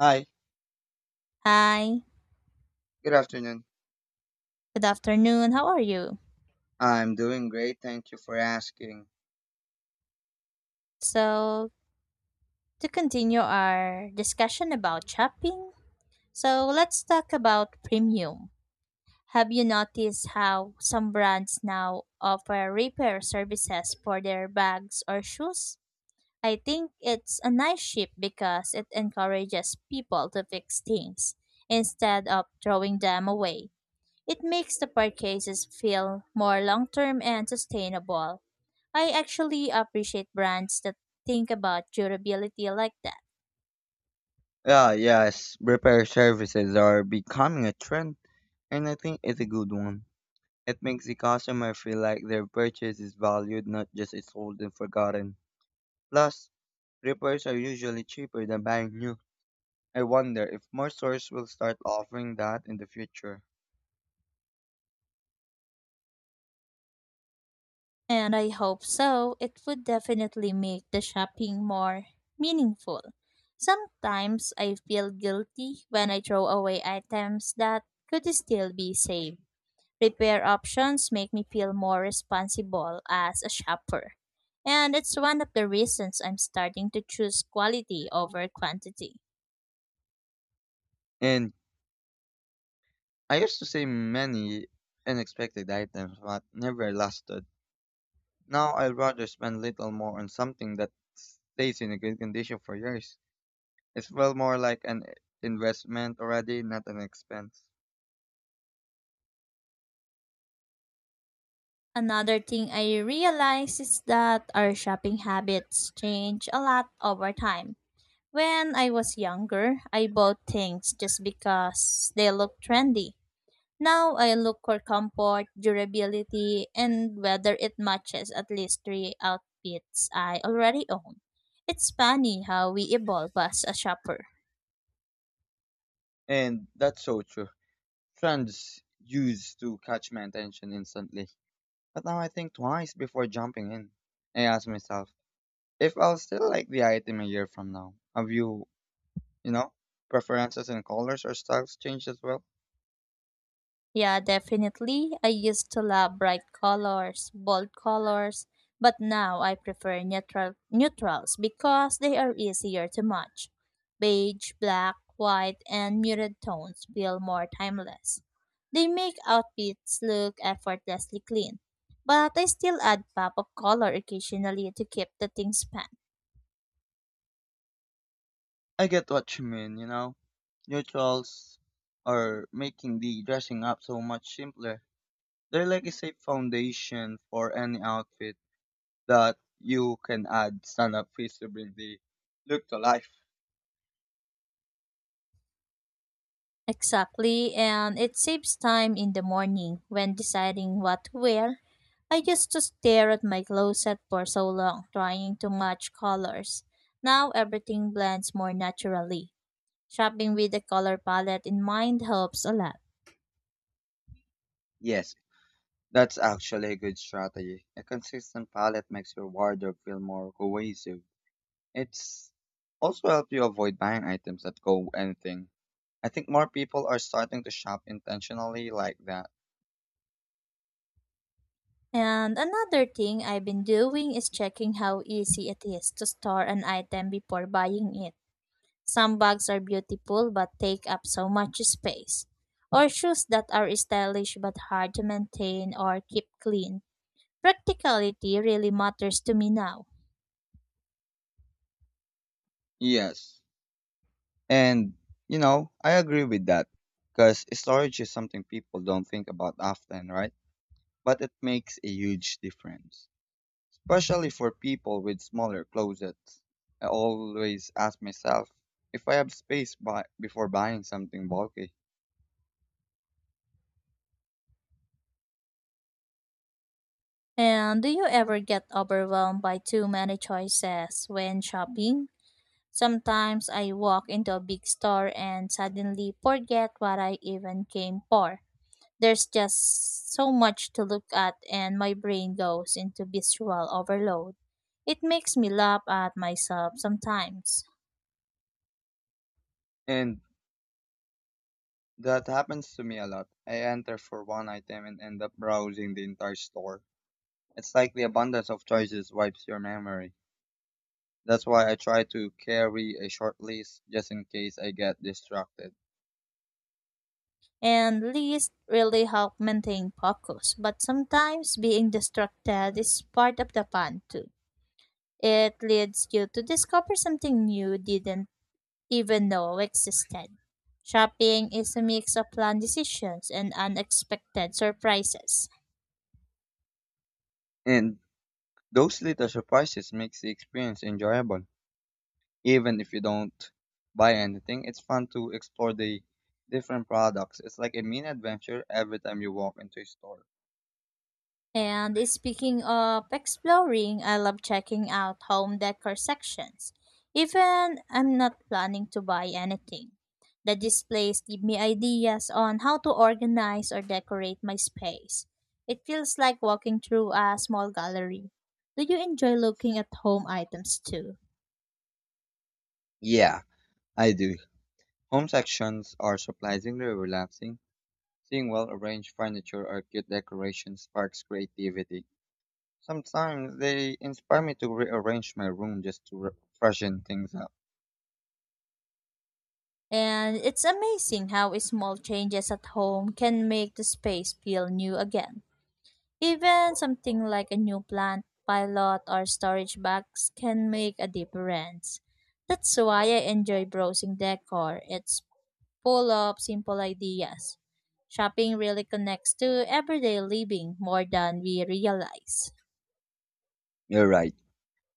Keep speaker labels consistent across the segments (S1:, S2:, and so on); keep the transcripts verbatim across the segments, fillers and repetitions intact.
S1: Hi,
S2: Hi,
S1: good afternoon.
S2: good afternoon. How are you?
S1: I'm doing great, thank you for asking.
S2: So, to continue our discussion about shopping, so let's talk about premium. Have you noticed how some brands now offer repair services for their bags or shoes? I think it's a nice shift because it encourages people to fix things instead of throwing them away. It makes the purchases feel more long term and sustainable. I actually appreciate brands that think about durability like that.
S1: Yeah, yes, repair services are becoming a trend, and I think it's a good one. It makes the customer feel like their purchase is valued, not just it's old and forgotten. Plus, repairs are usually cheaper than buying new. I wonder if more stores will start offering that in the future.
S2: And I hope so. It would definitely make the shopping more meaningful. Sometimes I feel guilty when I throw away items that could still be saved. Repair options make me feel more responsible as a shopper. And it's one of the reasons I'm starting to choose quality over quantity.
S1: And I used to say many unexpected items, but never lasted. Now I'd rather spend little more on something that stays in a good condition for years. It's well more like an investment already, not an expense.
S2: Another thing I realized is that our shopping habits change a lot over time. When I was younger, I bought things just because they looked trendy. Now I look for comfort, durability, and whether it matches at least three outfits I already own. It's funny how we evolve as a shopper.
S1: And that's so true. Trends used to catch my attention instantly. But now I think twice before jumping in. I ask myself, if I'll still like the item a year from now. Have you, you know, preferences in colors or styles changed as well?
S2: Yeah, definitely. I used to love bright colors, bold colors, but now I prefer neutral neutrals because they are easier to match. Beige, black, white, and muted tones feel more timeless. They make outfits look effortlessly clean, but I still add pop of color occasionally to keep the things fun.
S1: I get what you mean, you know. Neutrals are making the dressing up so much simpler. They're like a safe foundation for any outfit that you can add stand up feasibly look to life.
S2: Exactly, and it saves time in the morning when deciding what to wear. I used to stare at my closet for so long, trying to match colors. Now everything blends more naturally. Shopping with a color palette in mind helps a lot.
S1: Yes, that's actually a good strategy. A consistent palette makes your wardrobe feel more cohesive. It's also helps you avoid buying items that go anything. I think more people are starting to shop intentionally like that.
S2: And another thing I've been doing is checking how easy it is to store an item before buying it. Some bags are beautiful but take up so much space, or shoes that are stylish but hard to maintain or keep clean. Practicality really matters to me now.
S1: Yes. And you know, I agree with that. Because storage is something people don't think about often, right? But it makes a huge difference, especially for people with smaller closets. I always ask myself if I have space buy- before buying something bulky.
S2: And do you ever get overwhelmed by too many choices when shopping? Sometimes I walk into a big store and suddenly forget what I even came for. There's just so much to look at, and my brain goes into visual overload. It makes me laugh at myself sometimes.
S1: And that happens to me a lot. I enter for one item and end up browsing the entire store. It's like the abundance of choices wipes your memory. That's why I try to carry a short list just in case I get distracted.
S2: And lists really help maintain focus, but sometimes being distracted is part of the fun too. It leads you to discover something new didn't even know existed. Shopping is a mix of planned decisions and unexpected surprises.
S1: And those little surprises makes the experience enjoyable, even if you don't buy anything. It's fun to explore the different products. It's like a mini adventure every time you walk into a store.
S2: And speaking of exploring, I love checking out home decor sections. Even I'm not planning to buy anything. The displays give me ideas on how to organize or decorate my space. It feels like walking through a small gallery. Do you enjoy looking at home items too?
S1: Yeah, I do. Home sections are surprisingly relaxing. Seeing well arranged furniture or cute decorations sparks creativity. Sometimes they inspire me to rearrange my room just to re- freshen things up.
S2: And it's amazing how small changes at home can make the space feel new again. Even something like a new plant pilot or storage box can make a difference. That's why I enjoy browsing decor. It's full of simple ideas. Shopping really connects to everyday living more than we realize.
S1: You're right.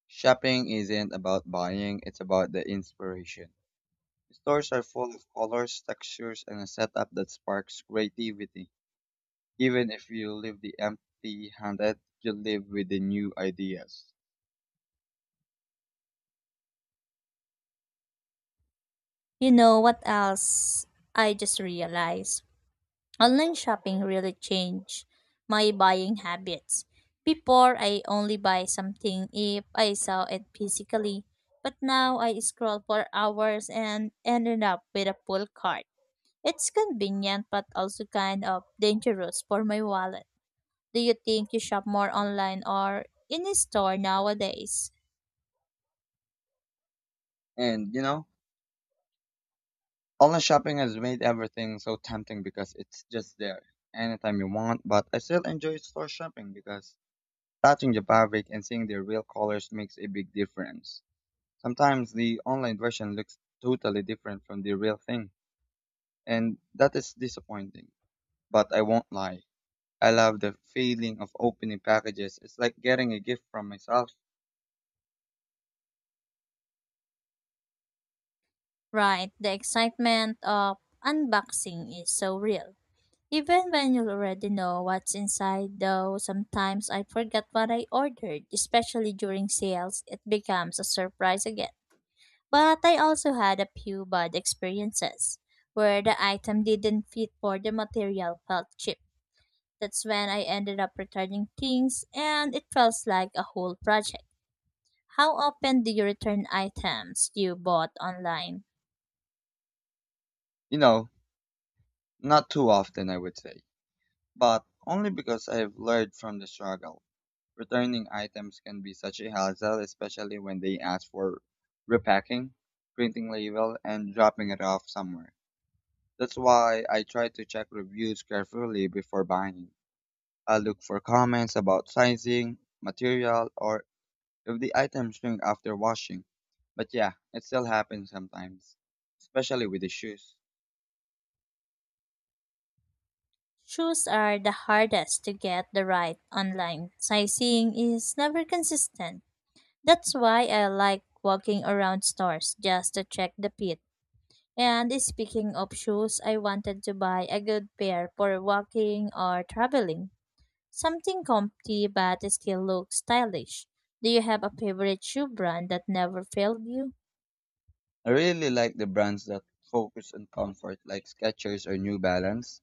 S1: Shopping isn't about buying, it's about the inspiration. Stores are full of colors, textures, and a setup that sparks creativity. Even if you leave the empty handed, you live with the new ideas.
S2: You know what else I just realized? Online shopping really changed my buying habits. Before, I only buy something if I saw it physically, but now I scroll for hours and ended up with a full cart. It's convenient but also kind of dangerous for my wallet. Do you think you shop more online or in a store nowadays?
S1: And you know, online shopping has made everything so tempting because it's just there anytime you want, but I still enjoy store shopping because touching the fabric and seeing the real colors makes a big difference. Sometimes the online version looks totally different from the real thing, and that is disappointing. But I won't lie. I love the feeling of opening packages. It's like getting a gift from myself.
S2: Right, the excitement of unboxing is so real. Even when you already know what's inside, though, sometimes I forget what I ordered, especially during sales, it becomes a surprise again. But I also had a few bad experiences where the item didn't fit or the material felt cheap. That's when I ended up returning things and it felt like a whole project. How often do you return items you bought online?
S1: You know, Not too often, I would say, but only because I've learned from the struggle. Returning items can be such a hassle, especially when they ask for repacking, printing label, and dropping it off somewhere. That's why I try to check reviews carefully before buying. I look for comments about sizing, material, or if the items shrink after washing. But yeah, it still happens sometimes, especially with the shoes.
S2: Shoes are the hardest to get the right online. Sizing is never consistent. That's why I like walking around stores just to check the fit. And speaking of shoes, I wanted to buy a good pair for walking or traveling. Something comfy but still looks stylish. Do you have a favorite shoe brand that never failed you?
S1: I really like the brands that focus on comfort, like Skechers or New Balance.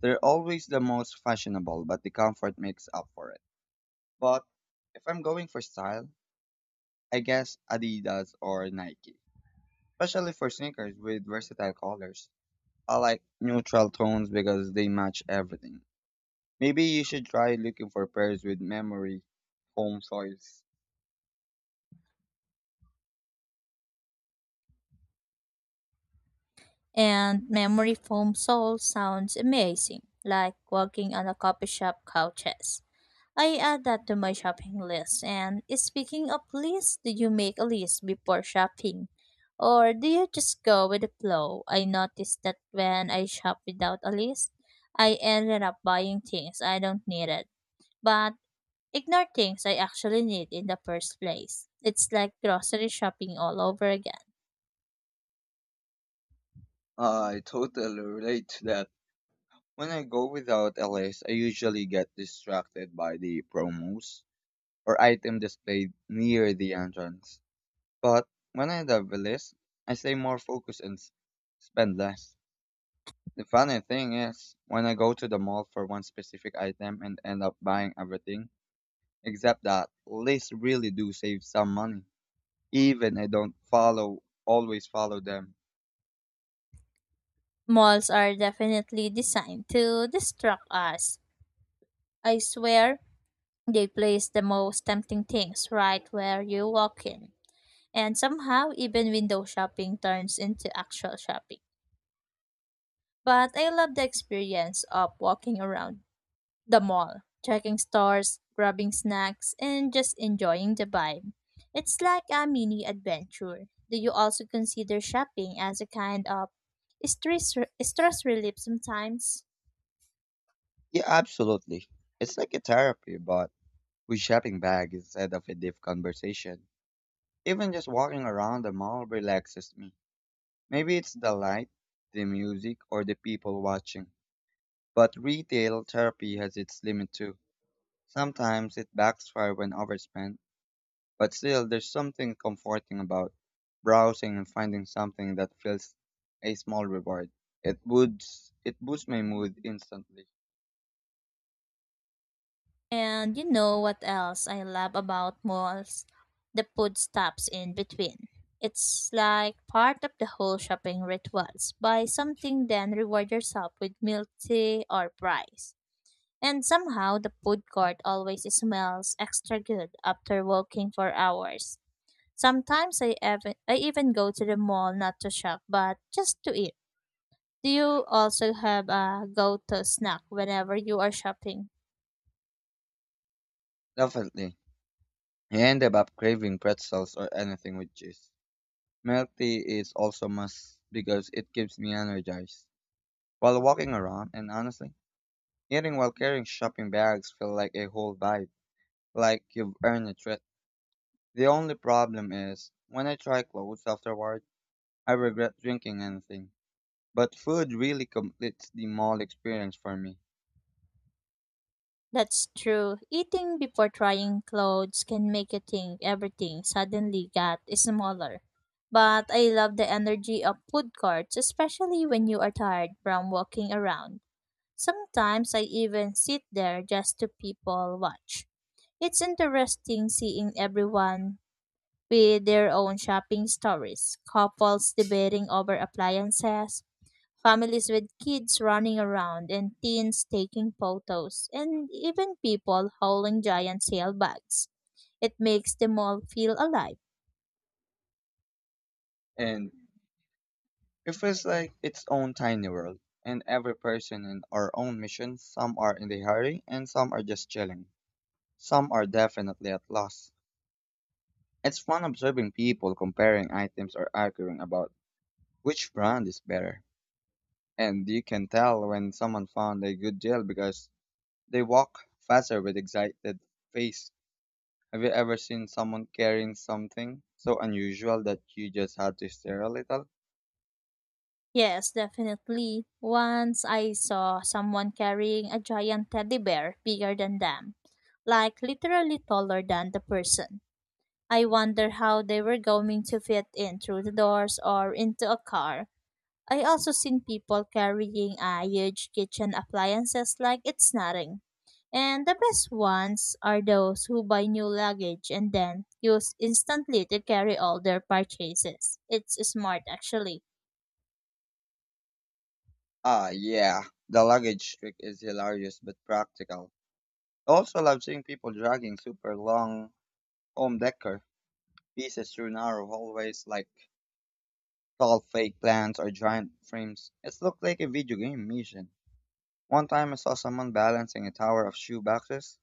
S1: They're always the most fashionable, but the comfort makes up for it. But if I'm going for style, I guess Adidas or Nike, especially for sneakers with versatile colors. I like neutral tones because they match everything. Maybe you should try looking for pairs with memory home soils.
S2: And memory foam sole sounds amazing, like walking on a coffee shop couches. I add that to my shopping list. And speaking of lists, do you make a list before shopping? Or do you just go with the flow? I noticed that when I shop without a list, I ended up buying things I don't needed, but ignore things I actually need in the first place. It's like grocery shopping all over again.
S1: I totally relate to that. When I go without a list, I usually get distracted by the promos or item displayed near the entrance. But when I have a list, I stay more focused and s- spend less. The funny thing is, when I go to the mall for one specific item and end up buying everything, except that lists really do save some money. Even I don't follow, always follow them.
S2: Malls are definitely designed to distract us. I swear, they place the most tempting things right where you walk in. And somehow, even window shopping turns into actual shopping. But I love the experience of walking around the mall, checking stores, grabbing snacks, and just enjoying the vibe. It's like a mini adventure. Do you also consider shopping as a kind of stress, stress relief sometimes?
S1: Yeah, absolutely. It's like a therapy, but with shopping bag instead of a deep conversation. Even just walking around the mall relaxes me. Maybe it's the light, the music, or the people watching. But retail therapy has its limit too. Sometimes it backfires when overspent, but still there's something comforting about browsing and finding something that feels a small reward. It boosts it boosts my mood instantly.
S2: And you know what else I love about malls? The food stops in between. It's like part of the whole shopping rituals. Buy something, then reward yourself with milk tea or fries. And somehow the food court always smells extra good after walking for hours. Sometimes I even I even go to the mall not to shop but just to eat. Do you also have a go-to snack whenever you are shopping?
S1: Definitely. I end up craving pretzels or anything with cheese. Milk tea is also must because it keeps me energized. While walking around, and honestly, eating while carrying shopping bags feel like a whole vibe, like you've earned a treat. The only problem is, when I try clothes afterward, I regret drinking anything. But food really completes the mall experience for me,
S2: That's true. Eating before trying clothes can make you think everything suddenly got smaller. But I love the energy of food courts, especially when you are tired from walking around. Sometimes I even sit there just to people watch. It's interesting seeing everyone with their own shopping stories, couples debating over appliances, families with kids running around and teens taking photos, and even people hauling giant sailbags. It makes the mall feel alive.
S1: and it feels like its own tiny world. And every person in our own mission, some are in a hurry, and some are just chilling. Some are definitely at loss. It's fun observing people comparing items or arguing about which brand is better. And you can tell when someone found a good deal because they walk faster with excited face. Have you ever seen someone carrying something so unusual that you just had to stare a little?
S2: Yes, definitely. Once I saw someone carrying a giant teddy bear bigger than them, like literally taller than the person. I wonder how they were going to fit in through the doors or into a car. I also seen people carrying uh, huge kitchen appliances like it's nothing. And the best ones are those who buy new luggage and then use instantly to carry all their purchases. It's smart actually.
S1: Ah, yeah. The luggage trick is hilarious but practical. I also love seeing people dragging super long home decor pieces through narrow hallways like tall fake plants or giant frames. It looked like a video game mission. One time I saw someone balancing a tower of shoe boxes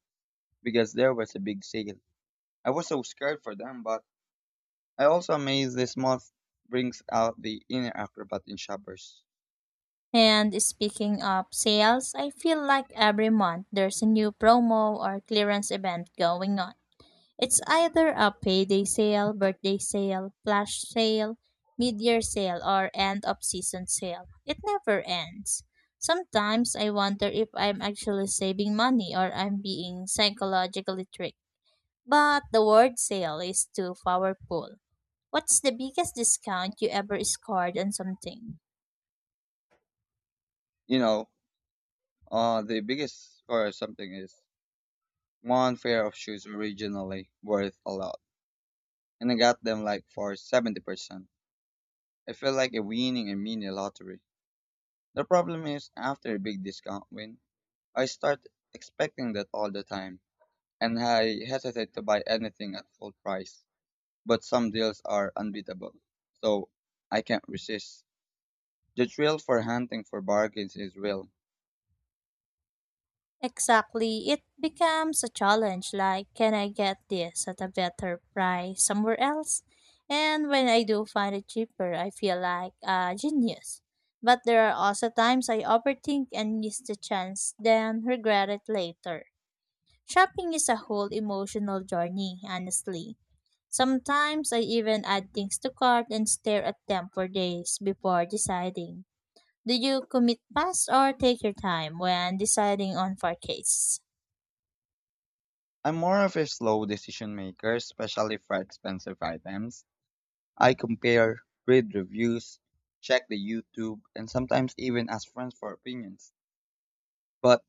S1: because there was a big sale. I was so scared for them, but I also amazed this month brings out the inner acrobat in shoppers.
S2: And speaking of sales, I feel like every month there's a new promo or clearance event going on. It's either a payday sale, birthday sale, flash sale, mid-year sale, or end-of-season sale. It never ends. Sometimes I wonder if I'm actually saving money or I'm being psychologically tricked. But the word sale is too powerful. What's the biggest discount you ever scored on something?
S1: You know, uh, the biggest score or something is one pair of shoes originally worth a lot, and I got them like for seventy percent. I feel like a winning a mini lottery. The problem is after a big discount win, I start expecting that all the time, and I hesitate to buy anything at full price. But some deals are unbeatable, so I can't resist. The thrill for hunting for bargains is real.
S2: Exactly. It becomes a challenge like, can I get this at a better price somewhere else? And when I do find it cheaper, I feel like a genius. But there are also times I overthink and miss the chance, then regret it later. Shopping is a whole emotional journey, honestly. Sometimes I even add things to cart and stare at them for days before deciding. Do you commit fast or take your time when deciding on purchase?
S1: I'm more of a slow decision maker, especially for expensive items. I compare, read reviews, check the YouTube, and sometimes even ask friends for opinions. But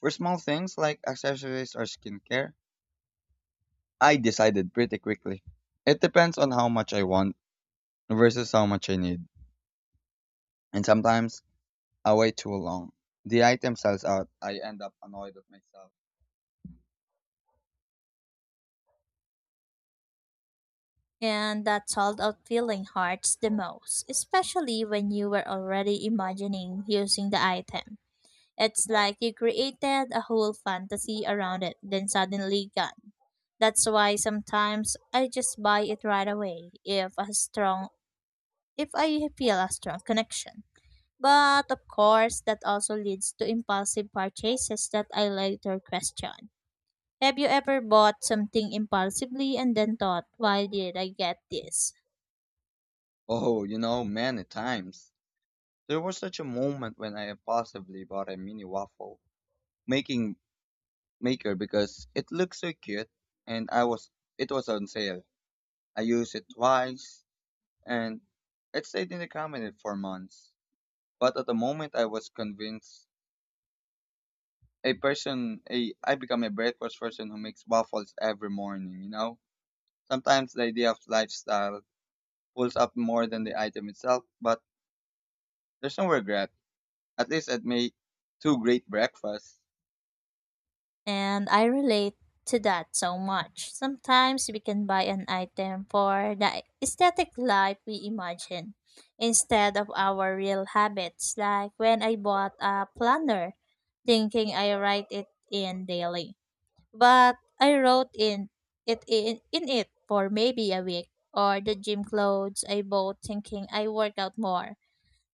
S1: for small things like accessories or skincare, I decided pretty quickly. It depends on how much I want versus how much I need. And sometimes I wait too long. The item sells out. I end up annoyed at myself.
S2: And that sold out feeling hurts the most, especially when you were already imagining using the item. It's like you created a whole fantasy around it, then suddenly gone. That's why sometimes I just buy it right away if a strong if I feel a strong connection. But of course that also leads to impulsive purchases that I later question. Have you ever bought something impulsively and then thought, why did I get this?
S1: Oh, you know, many times. There was such a moment when I impulsively bought a mini waffle making maker because it looked so cute and I was it was on sale. I used it twice and it stayed in the cabinet for months. But at the moment I was convinced a person a I become a breakfast person who makes waffles every morning, you know? Sometimes the idea of lifestyle pulls up more than the item itself, but there's no regret. At least it made two great breakfasts.
S2: And I relate to that so much. Sometimes we can buy an item for the aesthetic life we imagine instead of our real habits. Like when I bought a planner, thinking I write it in daily, but I wrote in it in, in it for maybe a week. Or the gym clothes I bought thinking I work out more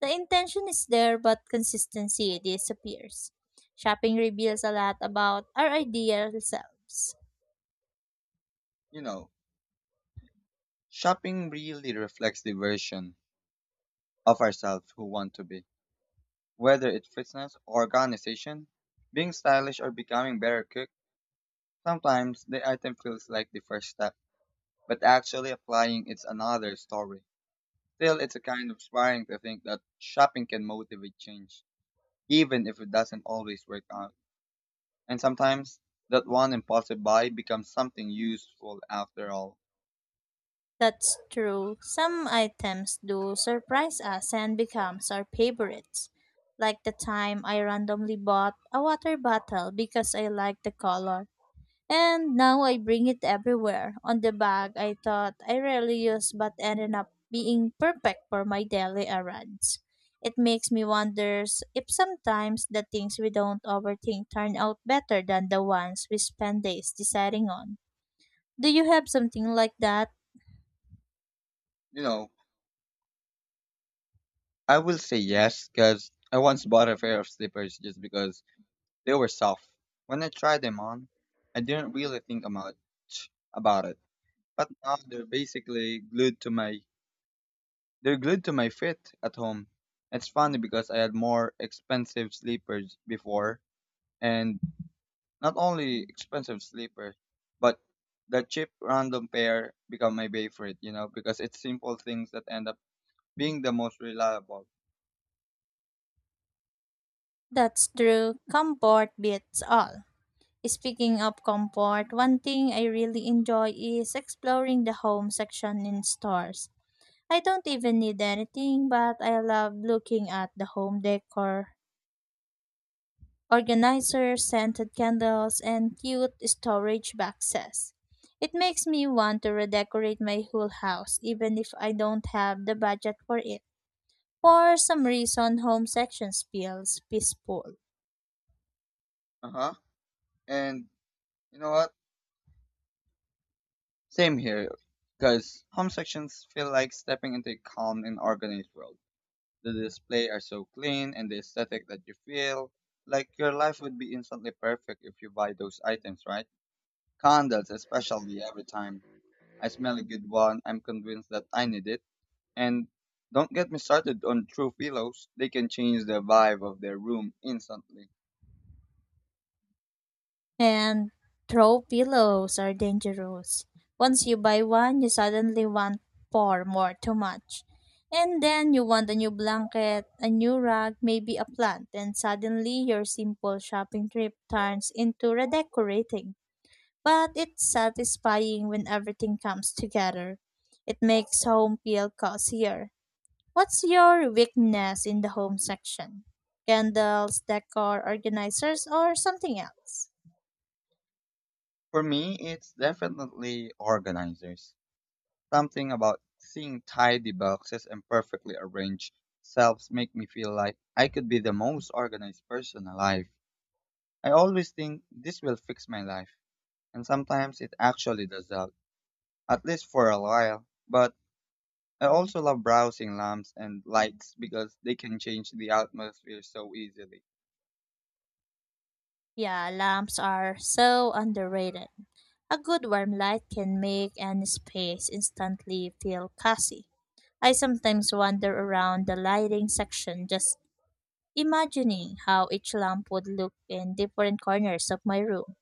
S2: the intention is there, but consistency disappears. Shopping reveals a lot about our ideal selves.
S1: You know, Shopping really reflects the version of ourselves who want to be. Whether it's fitness or organization, being stylish or becoming better cook, sometimes the item feels like the first step, but actually applying it's another story. Still, it's a kind of inspiring to think that shopping can motivate change, even if it doesn't always work out. And sometimes that one impulsive buy becomes something useful after all.
S2: That's true. Some items do surprise us and becomes our favorites. Like the time I randomly bought a water bottle because I liked the color. And now I bring it everywhere. On the bag I thought I rarely use but ended up being perfect for my daily errands. It makes me wonder if sometimes the things we don't overthink turn out better than the ones we spend days deciding on. Do you have something like that?
S1: You know, I will say yes because I once bought a pair of slippers just because they were soft. When I tried them on, I didn't really think about about it. But now they're basically glued to my they're glued to my feet at home. It's funny because I had more expensive slippers before and not only expensive sleeper, but the cheap random pair become my favorite, you know, because it's simple things that end up being the most reliable.
S2: That's true. Comfort beats all. Speaking of comfort, one thing I really enjoy is exploring the home section in stores. I don't even need anything, but I love looking at the home decor, organizers, scented candles, and cute storage boxes. It makes me want to redecorate my whole house, even if I don't have the budget for it. For some reason, home sections feels peaceful.
S1: Uh huh. And you know what? Same here, because home sections feel like stepping into a calm and organized world. The display are so clean and the aesthetic that you feel like your life would be instantly perfect if you buy those items, right? Candles, especially every time I smell a good one, I'm convinced that I need it. And don't get me started on true pillows. They can change the vibe of their room instantly.
S2: And throw pillows are dangerous. Once you buy one, you suddenly want four more, too much. And then you want a new blanket, a new rug, maybe a plant, and suddenly your simple shopping trip turns into redecorating. But it's satisfying when everything comes together. It makes home feel cozier. What's your weakness in the home section? Candles, decor, organizers, or something else?
S1: For me, it's definitely organizers. Something about seeing tidy boxes and perfectly arranged shelves make me feel like I could be the most organized person alive. I always think this will fix my life, and sometimes it actually does that, at least for a while. But I also love browsing lamps and lights because they can change the atmosphere so easily.
S2: Yeah, lamps are so underrated. A good warm light can make any space instantly feel cozy. I sometimes wander around the lighting section just imagining how each lamp would look in different corners of my room.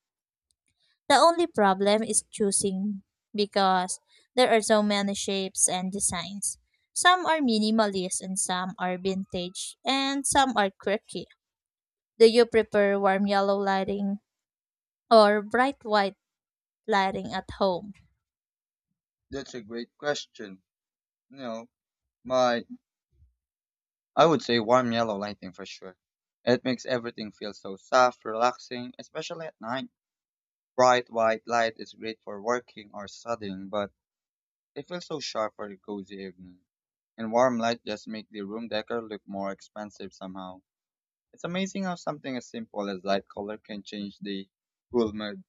S2: The only problem is choosing because there are so many shapes and designs. Some are minimalist and some are vintage and some are quirky. Do you prefer warm yellow lighting or bright white lighting at home?
S1: That's a great question. You know, my I would say warm yellow lighting for sure. It makes everything feel so soft, relaxing, especially at night. Bright white light is great for working or studying, but it feels so sharp for a cozy evening. And warm light just make the room decor look more expensive somehow. It's amazing how something as simple as light color can change the cool mood.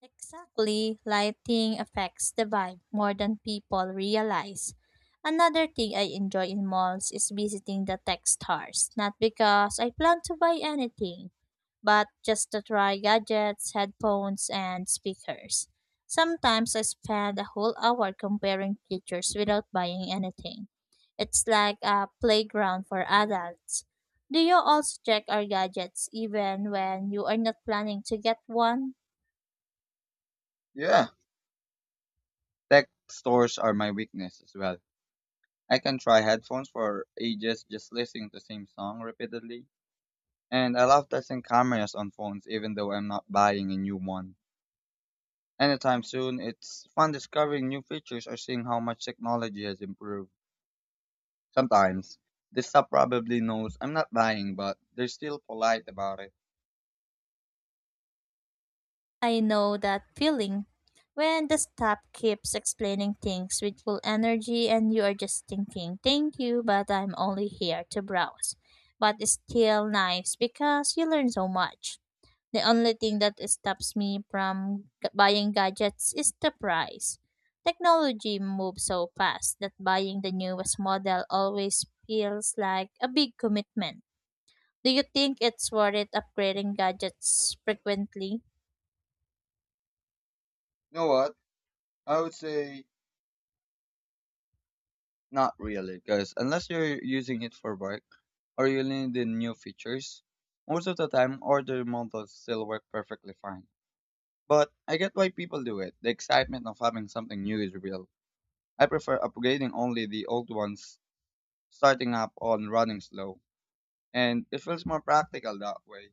S2: Exactly, lighting affects the vibe more than people realize. Another thing I enjoy in malls is visiting the tech stores, not because I plan to buy anything, but just to try gadgets, headphones, and speakers. Sometimes I spend a whole hour comparing features without buying anything. It's like a playground for adults. Do you also check our gadgets even when you are not planning to get one?
S1: Yeah, tech stores are my weakness as well. I can try headphones for ages just listening to the same song repeatedly. And I love testing cameras on phones even though I'm not buying a new one. Anytime soon, it's fun discovering new features or seeing how much technology has improved. Sometimes, this stuff probably knows I'm not buying, but they're still polite about it.
S2: I know that feeling. When the staff keeps explaining things with full energy and you are just thinking, thank you, but I'm only here to browse. But it's still nice because you learn so much. The only thing that stops me from g- buying gadgets is the price. Technology moves so fast that buying the newest model always feels like a big commitment. Do you think it's worth it upgrading gadgets frequently?
S1: You know what? I would say not really, because unless you're using it for work or you need the new features, most of the time older models still work perfectly fine. But I get why people do it. The excitement of having something new is real. I prefer upgrading only the old ones, starting up on running slow, and it feels more practical that way.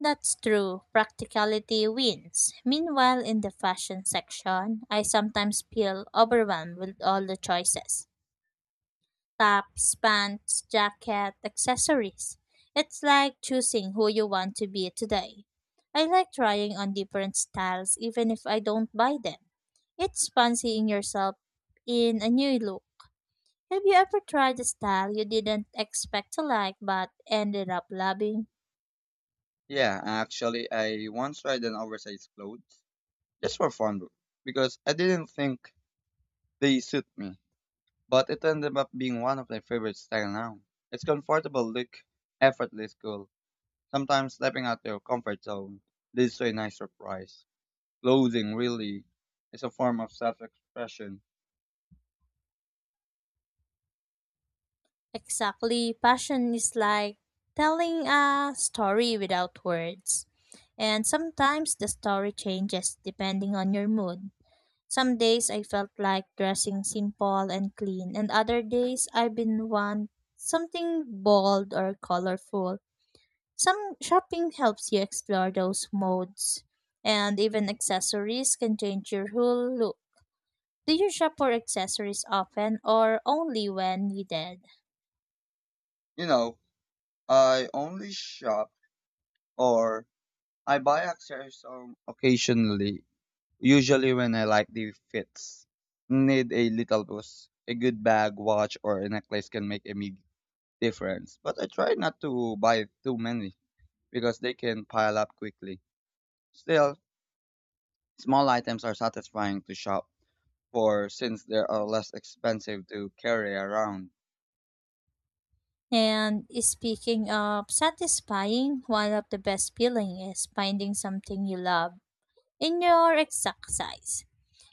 S2: That's true, practicality wins. Meanwhile, in the fashion section, I sometimes feel overwhelmed with all the choices: tops, pants, jacket, accessories. It's like choosing who you want to be today. I like trying on different styles even if I don't buy them. It's fancying yourself in a new look. Have you ever tried a style you didn't expect to like but ended up loving?
S1: Yeah, actually, I once tried an oversized clothes just for fun because I didn't think they suit me, but it ended up being one of my favorite style now. It's comfortable look, effortless cool. Sometimes stepping out your comfort zone leads to a nice surprise. Clothing really is a form of self-expression.
S2: Exactly. Passion is like telling a story without words. And sometimes the story changes depending on your mood. Some days I felt like dressing simple and clean, and other days I've been want something bold or colorful. Some shopping helps you explore those modes, and even accessories can change your whole look. Do you shop for accessories often or only when needed?
S1: You know, I only shop or I buy accessories um, occasionally, usually when I like the fits. Need a little boost. A good bag, watch, or a necklace can make a big difference. But I try not to buy too many because they can pile up quickly. Still, small items are satisfying to shop for since they are less expensive to carry around.
S2: And speaking of satisfying, one of the best feeling is finding something you love in your exact size.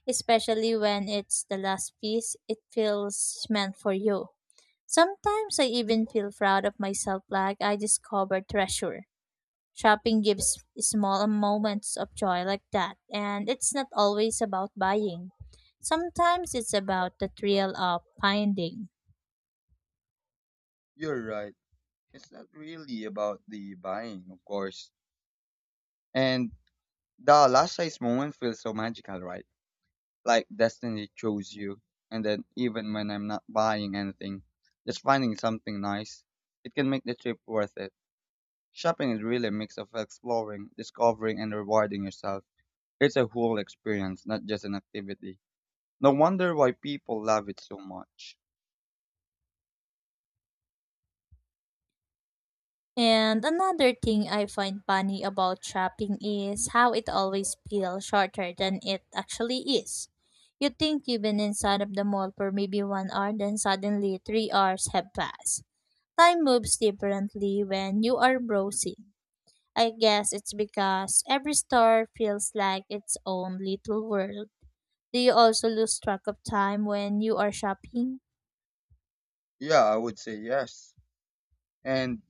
S2: Especially when it's the last piece, it feels meant for you. Sometimes I even feel proud of myself like I discovered treasure. Shopping gives small moments of joy like that, and it's not always about buying. Sometimes it's about the thrill of finding.
S1: You're right. It's not really about the buying, of course. And the last size moment feels so magical, right? Like destiny chose you. And then even when I'm not buying anything, just finding something nice, it can make the trip worth it. Shopping is really a mix of exploring, discovering, and rewarding yourself. It's a whole experience, not just an activity. No wonder why people love it so much.
S2: And another thing I find funny about shopping is how it always feels shorter than it actually is. You think you've been inside of the mall for maybe one hour, then suddenly three hours have passed. Time moves differently when you are browsing. I guess it's because every store feels like its own little world. Do you also lose track of time when you are shopping?
S1: Yeah, I would say yes. And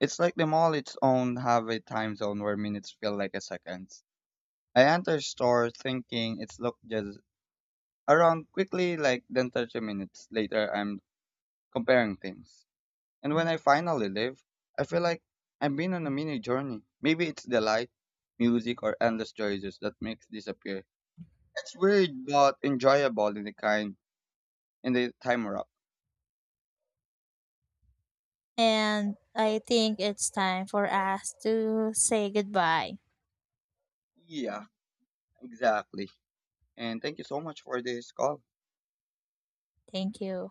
S1: it's like the mall its own have a time zone where minutes feel like a seconds. I enter store thinking it's look just around quickly like then thirty minutes later I'm comparing things. And when I finally leave, I feel like I've been on a mini journey. Maybe it's the light, music, or endless choices that makes this appear. It's weird but enjoyable in the kind in the time wrap.
S2: And I think it's time for us to say goodbye.
S1: Yeah, exactly. And thank you so much for this call.
S2: Thank you.